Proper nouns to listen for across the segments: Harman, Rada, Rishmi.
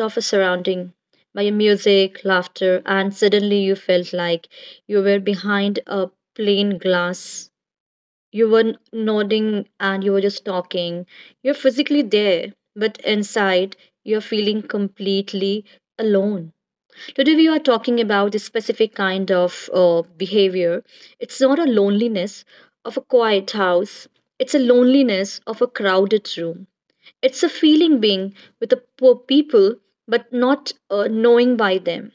of a surrounding by your music, laughter, and suddenly you felt like you were behind a plain glass? You were nodding and you were just talking. You're physically there, but inside you're feeling completely alone. Today we are talking about a specific kind of behavior. It's not a loneliness of a quiet house. It's a loneliness of a crowded room. It's a feeling being with the poor people but not knowing by them.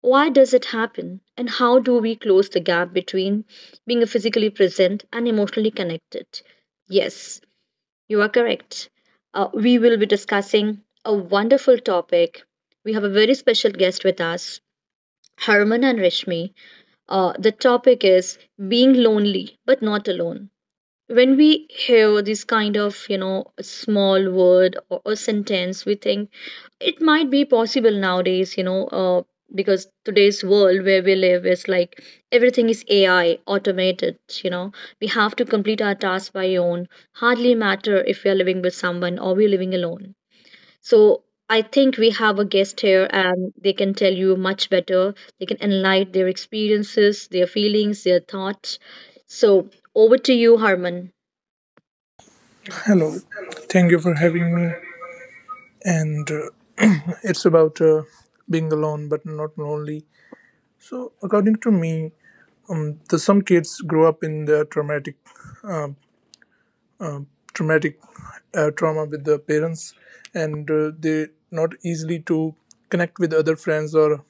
Why does it happen? And how do we close the gap between being physically present and emotionally connected? Yes, you are correct. We will be discussing a wonderful topic. We have a very special guest with us, Harman and Rishmi. The topic is being lonely but not alone. When we hear this kind of small word or sentence, we think it might be possible nowadays, because today's world where we live is like everything is AI automated. You know, we have to complete our tasks by own, hardly matter if we are living with someone or we're living alone. So I think we have a guest here and they can tell you much better. They can enlighten their experiences, their feelings, their thoughts. So over to you, Harman. Hello, thank you for having me. And it's about being alone but not lonely. So, according to me, some kids grow up in the traumatic trauma with their parents, and they not easily to connect with other friends or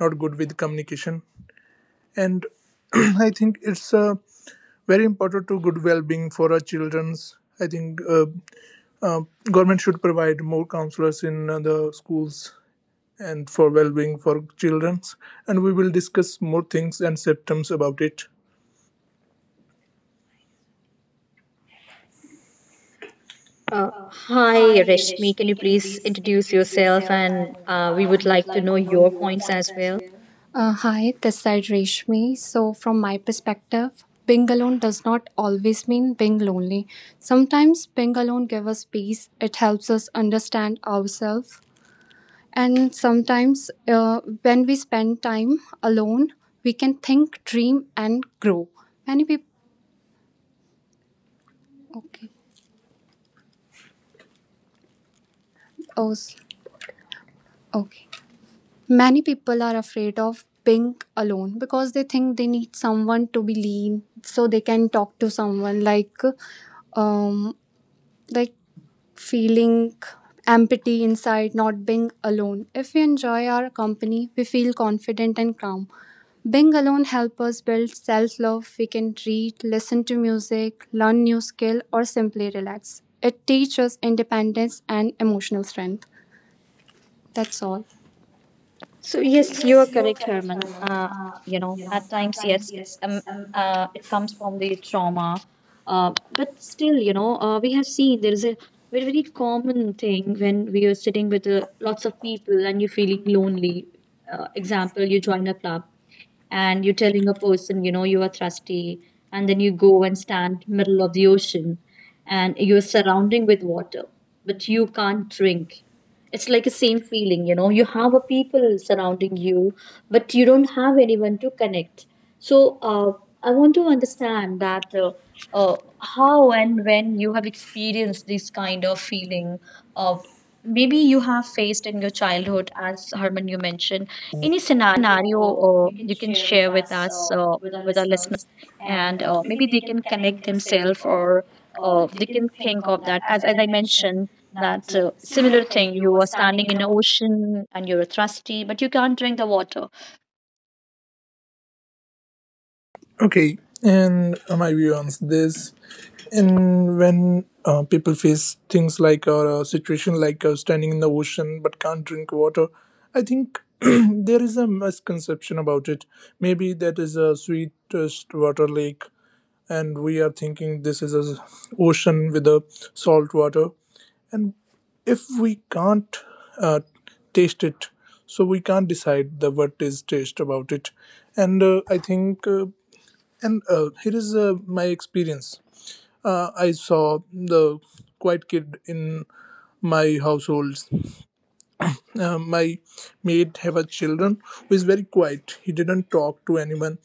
not good with communication. And I think it's very important to good well-being for our childrens. I think uh, government should provide more counselors in the schools and for well-being for children, and we will discuss more things and symptoms about it. Hi, Reshmi. Can you please introduce yourself? And we would like to know your points as well. Hi, this side Reshmi. So, from my perspective, being alone does not always mean being lonely. Sometimes being alone gives us peace, it helps us understand ourselves. And sometimes, uh, when we spend time alone, we can think, dream, and grow. Many people. Okay. Oh, s- okay. Many people are afraid of being alone because they think they need someone to be lean so they can talk to someone, um like feeling empathy inside, not being alone. If we enjoy our company, we feel confident and calm. Being alone helps us build self love. We can read, listen to music, learn new skill, or simply relax. It teaches independence and emotional strength. That's all. So yes, you are correct, Herman. You know, at times, yes, it's it comes from the trauma, but still, you know, we have seen there is a very common thing when we are sitting with lots of people and you're feeling lonely. Example, you join a club and you're telling a person, you know, you are thirsty, and then you go and stand middle of the ocean and you're surrounding with water, but you can't drink. It's like a same feeling. You know, you have a people surrounding you but you don't have anyone to connect. So uh, I want to understand that uh, how and when you have experienced this kind of feeling. Of maybe you have faced in your childhood, as Herman you mentioned. Any scenario you can share with us, with our listeners, and maybe they can connect themselves, or they can think of that. As I mentioned that similar thing, you are standing in an ocean and you're thirsty but you can't drink the water. Okay, and my view on this, and when people face things like a situation like standing in the ocean but can't drink water, I think there is a misconception about it. Maybe that is a sweetest water lake, and we are thinking this is a ocean with a salt water, and if we can't uh, taste it, so we can't decide the what is taste about it. And I think and here is my experience. I saw the quiet kid in my households. My maid have a children who is very quiet. He didn't talk to anyone,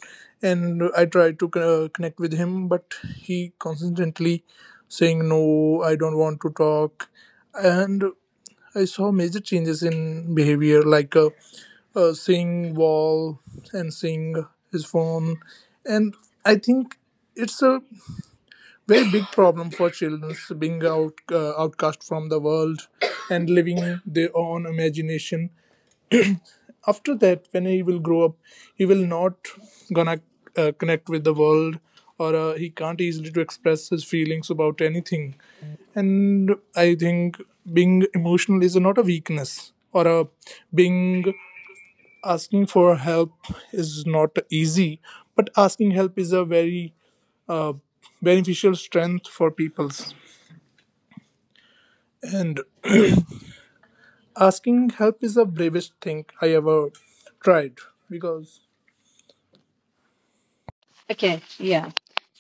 and I tried to connect with him, but he constantly saying no, I don't want to talk, and I saw major changes in behavior, like seeing wall and seeing his phone. And I think it's a very big problem for children being outcast from the world and living their own imagination. After that, when he will grow up, he will not gonna connect with the world, or he can't easily to express his feelings about anything. And I think being emotional is not a weakness, or a being asking for help is not easy, but asking help is a very uh, beneficial strength for peoples. And asking help is the bravest thing I ever tried because Okay, yeah,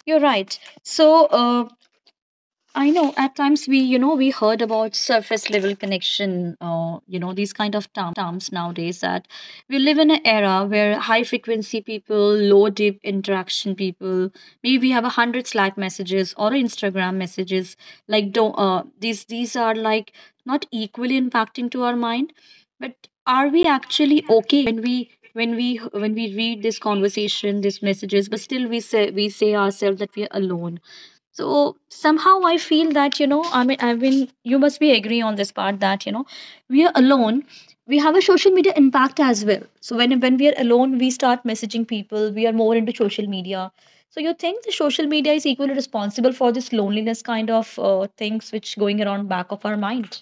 you're right. So I know at times we, you know, we heard about surface level connection, or, you know, these kind of terms nowadays, that we live in an era where high frequency people, low deep interaction people. Maybe we have a hundred Slack messages or Instagram messages. Like, don't, these are like not equally impacting to our mind, but are we actually okay when we read this conversation, these messages, but still we say ourselves that we are alone? So somehow I feel that, you know, I mean, you must be agree on this part that, you know, we are alone. We have a social media impact as well. So when we are alone, we start messaging people. We are more into social media. So you think the social media is equally responsible for this loneliness kind of things which going around back of our mind?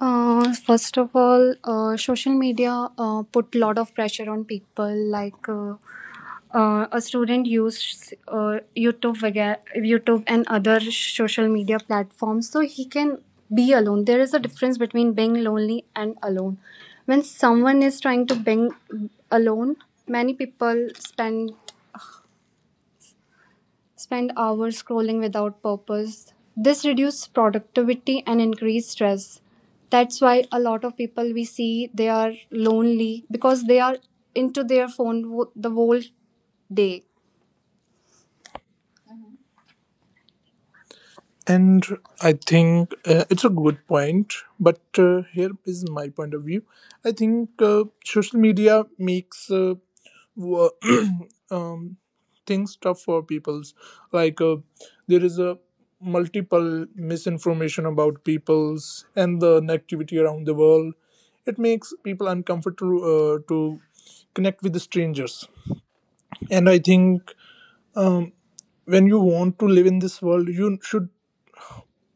First of all, social media put a lot of pressure on people. Like a student used YouTube and other social media platforms, so he can be alone. There is a difference between being lonely and alone. When someone is trying to being alone, many people spend hours scrolling without purpose. This reduces productivity and increase stress. That's why a lot of people we see they are lonely because they are into their phone the whole day. And I think it's a good point, but here is my point of view. I think social media makes wo- um, things tough for peoples. Like there is a multiple misinformation about peoples and the negativity around the world. It makes people uncomfortable to connect with the strangers. And I think when you want to live in this world, you should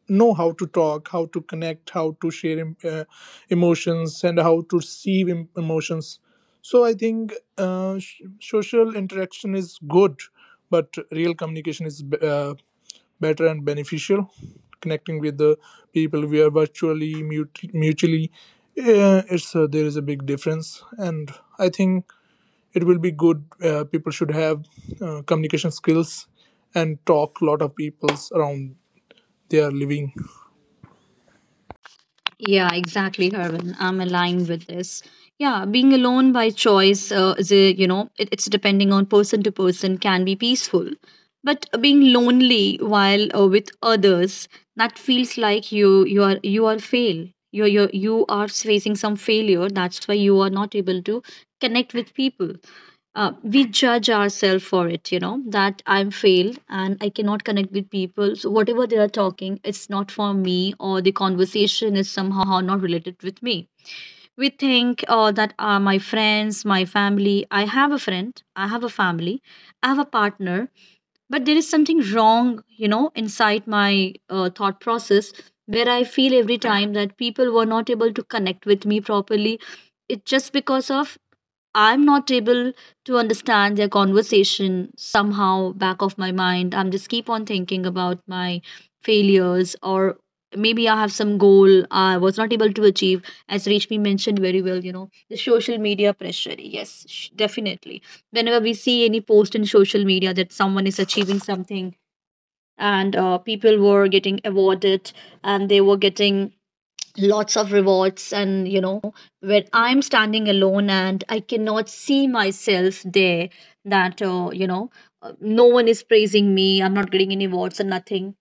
know how to talk, how to connect, how to share emotions, and how to receive emotions. So I think social interaction is good, but real communication is better and beneficial. Connecting with the people we are virtually mutually, it's there is a big difference, and I think it will be good. People should have communication skills and talk a lot of peoples around their living Yeah, exactly, Hervin. I'm aligned with this. Yeah, being alone by choice is a, you know, it, it's depending on person to person, can be peaceful. But being lonely while with others, that feels like you are fail. You are facing some failure. That's why you are not able to connect with people. We judge ourselves for it. You know, that I'm failed and I cannot connect with people. So whatever they are talking, it's not for me, or the conversation is somehow not related with me. We think that my friends, my family, I have a friend, I have a family, I have a partner, but there is something wrong, you know, inside my thought process where I feel every time that people were not able to connect with me properly. It's just because of I'm not able to understand their conversation. Somehow back of my mind, I'm just keep on thinking about my failures, or maybe I have some goal I was not able to achieve. As Reshmi mentioned very well, you know, the social media pressure. Yes, definitely. Whenever we see any post in social media that someone is achieving something, and people were getting awarded and they were getting lots of rewards, and you know, where I'm standing alone and I cannot see myself there, that you know, no one is praising me, I'm not getting any awards and nothing.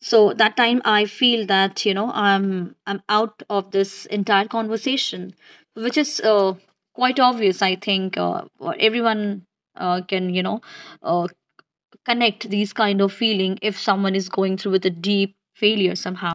So that time I feel that, you know, I'm out of this entire conversation, which is quite obvious. I think or everyone can, you know, uh, connect these kind of feeling if someone is going through with a deep failure somehow.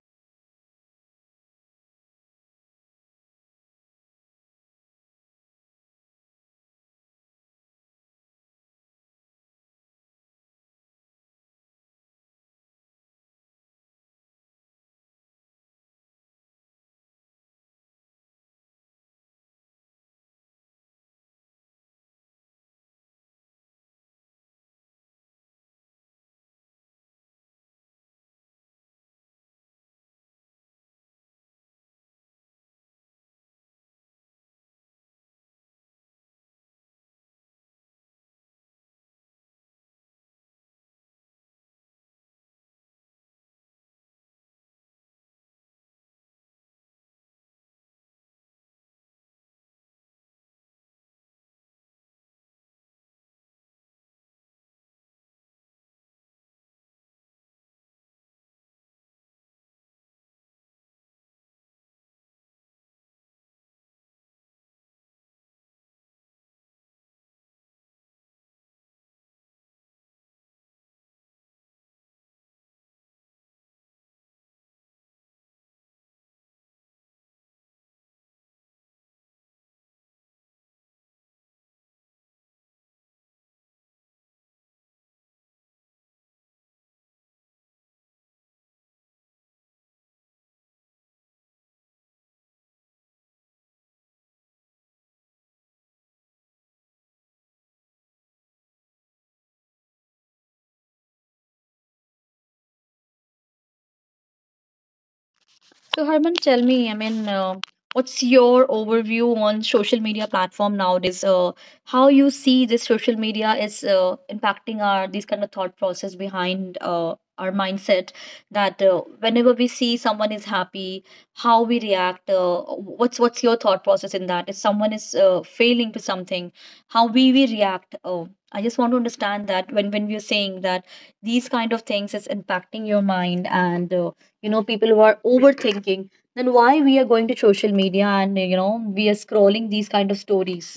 So, Harman, tell me, I mean, what's your overview on social media platform nowadays? How you see this social media is impacting our these kind of thought process behind our mindset, that whenever we see someone is happy, how we react. What's what's your thought process in that? If someone is failing to something, how we react. I just want to understand that when we are saying that these kind of things is impacting your mind and you know, people who are overthinking, then why we are going to social media and you know, we are scrolling these kind of stories?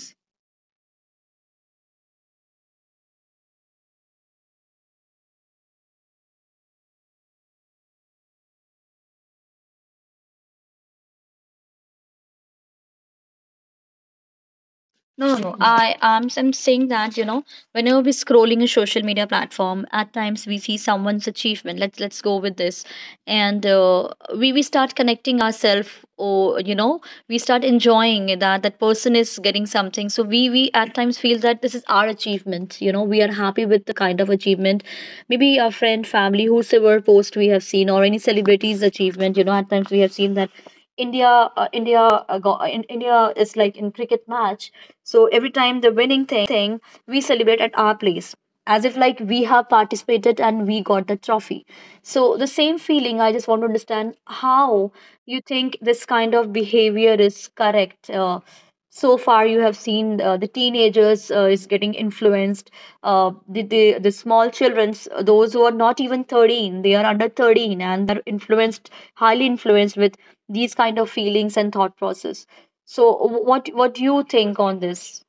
No, no, no. I'm, I'm saying that you know, whenever we're scrolling a social media platform, at times we see someone's achievement. Let's go with this, and we start connecting ourselves, or you know, we start enjoying that that person is getting something. So we at times feel that this is our achievement. You know, we are happy with the kind of achievement, maybe our friend, family, whosoever post we have seen, or any celebrity's achievement. You know, at times we have seen that. India, India, India is like in cricket match, so every time the winning thing, we celebrate at our place as if like we have participated and we got the trophy. So the same feeling, I just want to understand how you think this kind of behavior is correct. So far, you have seen the teenagers is getting influenced. The small childrens, those who are not even 13, they are under 13, and they are influenced, highly influenced with these kind of feelings and thought process. So, what do you think on this?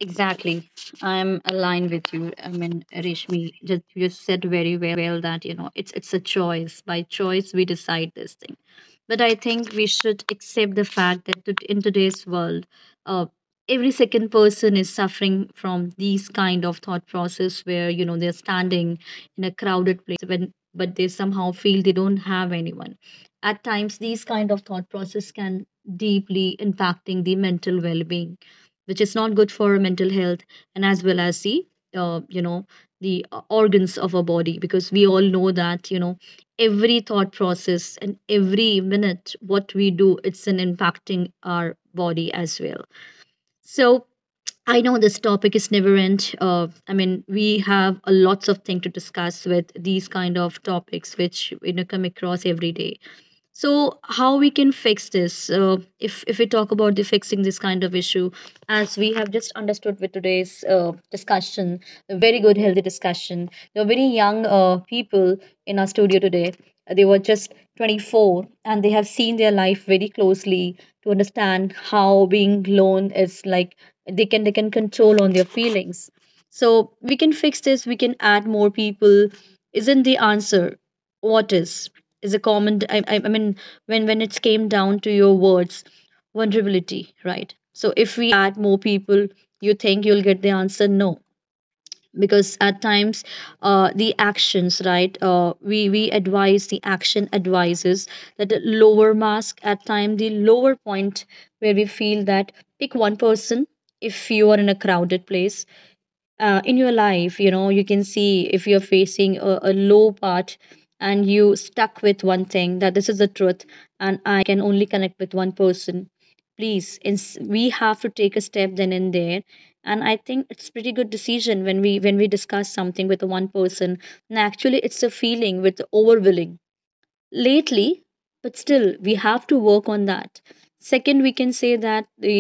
Exactly. I'm aligned with you. I mean, Rishmi, just you said very well that, you know, it's a choice. By choice we decide this thing. But I think we should accept the fact that in today's world, uh, every second person is suffering from these kind of thought process where, you know, they're standing in a crowded place when but they somehow feel they don't have anyone. At times these kind of thought process can deeply impacting the mental well-being, which is not good for mental health, and as well as the you know, the organs of our body, because we all know that, you know, every thought process and every minute what we do, it's an impacting our body as well. So I know this topic is never end. We have a lots of thing to discuss with these kind of topics, which you know come across every day. So how we can fix this? If we talk about the fixing this kind of issue, as we have just understood with today's discussion, a very good healthy discussion. There were very young people in our studio today. They were just 24 and they have seen their life very closely to understand how being alone is like. They can control on their feelings. So we can fix this. We can add more people isn't the answer. What is a common, I mean, when it came down to your words, vulnerability, right? So if we add more people, you think you'll get the answer? No, because at times the actions, right? We advise the action advises that a lower mask at time, the lower point where we feel that, pick one person. If you are in a crowded place, in your life, you know, you can see, if you're facing a low part and you stuck with one thing that this is the truth and I can only connect with one person, please we have to take a step then and there. And I think it's pretty good decision when we, when we discuss something with the one person. And actually it's a feeling with overwhelming lately, but still we have to work on that. Second, we can say that the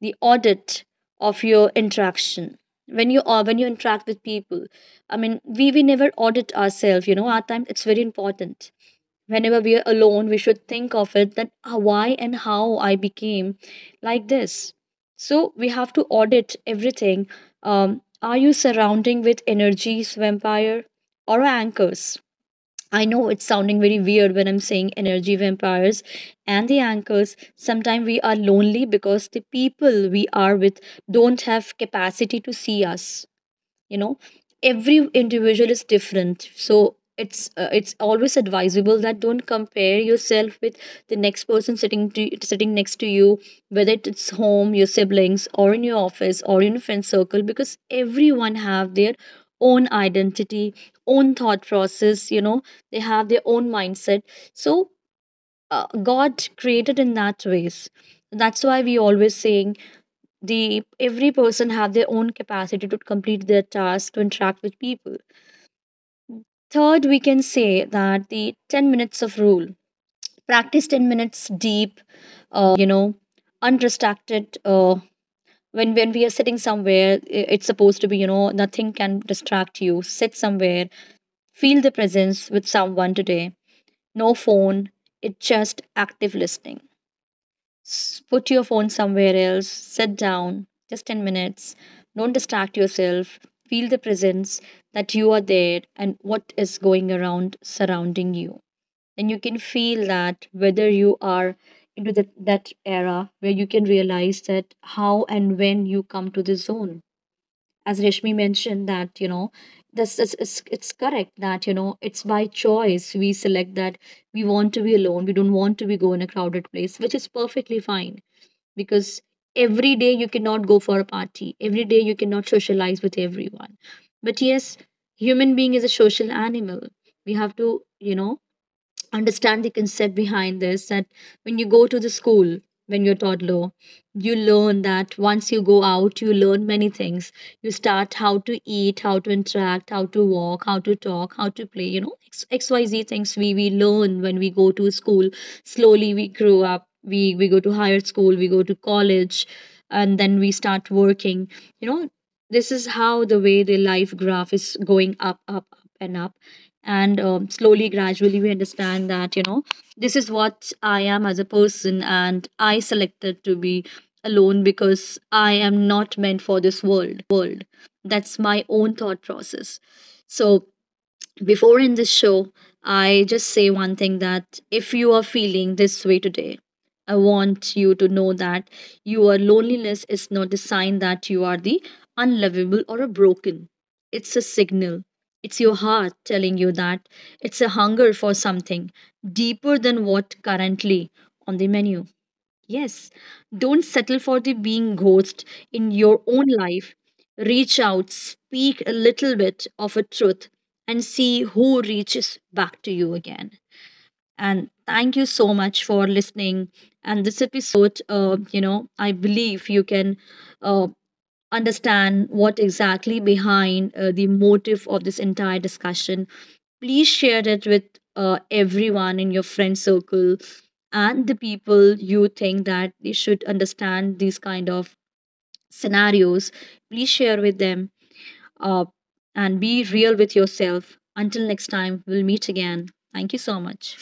audit of your interaction when you, or when you interact with people. I mean, we never audit ourselves, you know, our time, it's very important. Whenever we are alone, we should think of it that, "Ah, why and how I became like this?" So we have to audit everything. Are you surrounding with energies vampire or anchors? I know it's sounding very weird when I'm saying energy vampires and the anchors. Sometimes we are lonely because the people we are with don't have capacity to see us. You know, every individual is different. So it's always advisable that don't compare yourself with the next person sitting to, sitting next to you, whether it's home, your siblings, or in your office, or in a friend circle, because everyone have their own identity, own thought process. You know, they have their own mindset. So God created in that ways. That's why we always saying the every person have their own capacity to complete their task, to interact with people. Third, we can say that the 10 minutes of rule, practice 10 minutes deep, you know, undistracted. When we are sitting somewhere, it's supposed to be, you know, nothing can distract you. Sit somewhere, feel the presence with someone today, no phone, it's just active listening. Put your phone somewhere else, sit down, just 10 minutes. Don't distract yourself. Feel the presence that you are there and what is going around surrounding you. And you can feel that whether you are into that, that era where you can realize that how and when you come to the zone. As Reshmi mentioned, that you know, this is, it's correct that you know it's by choice we select that we want to be alone, we don't want to be go in a crowded place, which is perfectly fine, because every day you cannot go for a party, every day you cannot socialize with everyone. But yes, human being is a social animal. We have to, you know, understand the concept behind this, that when you go to the school when you're toddler, you learn that once you go out, you learn many things. You start how to eat, how to interact, how to walk, how to talk, how to play, you know, xyz things we learn when we go to school. Slowly we grow up, we go to higher school, we go to college, and then we start working. You know, this is how the way the life graph is going up, up, up and up. And slowly gradually we understand that you know this is what I am as a person, and I selected to be alone because I am not meant for this world. That's my own thought process. So before in this show, I just say one thing, that if you are feeling this way today, I want you to know that your loneliness is not a sign that you are the unlovable or a broken. It's a signal. It's your heart telling you that it's a hunger for something deeper than what currently on the menu. Yes, don't settle for the being ghost in your own life. Reach out, speak a little bit of a truth, and see who reaches back to you again. And thank you so much for listening. And this episode, you know, I believe you can uh, understand what exactly behind the motive of this entire discussion. Please share it with everyone in your friend circle and the people you think that they should understand these kind of scenarios. Please share with them uh, and be real with yourself. Until next time, we'll meet again. Thank you so much.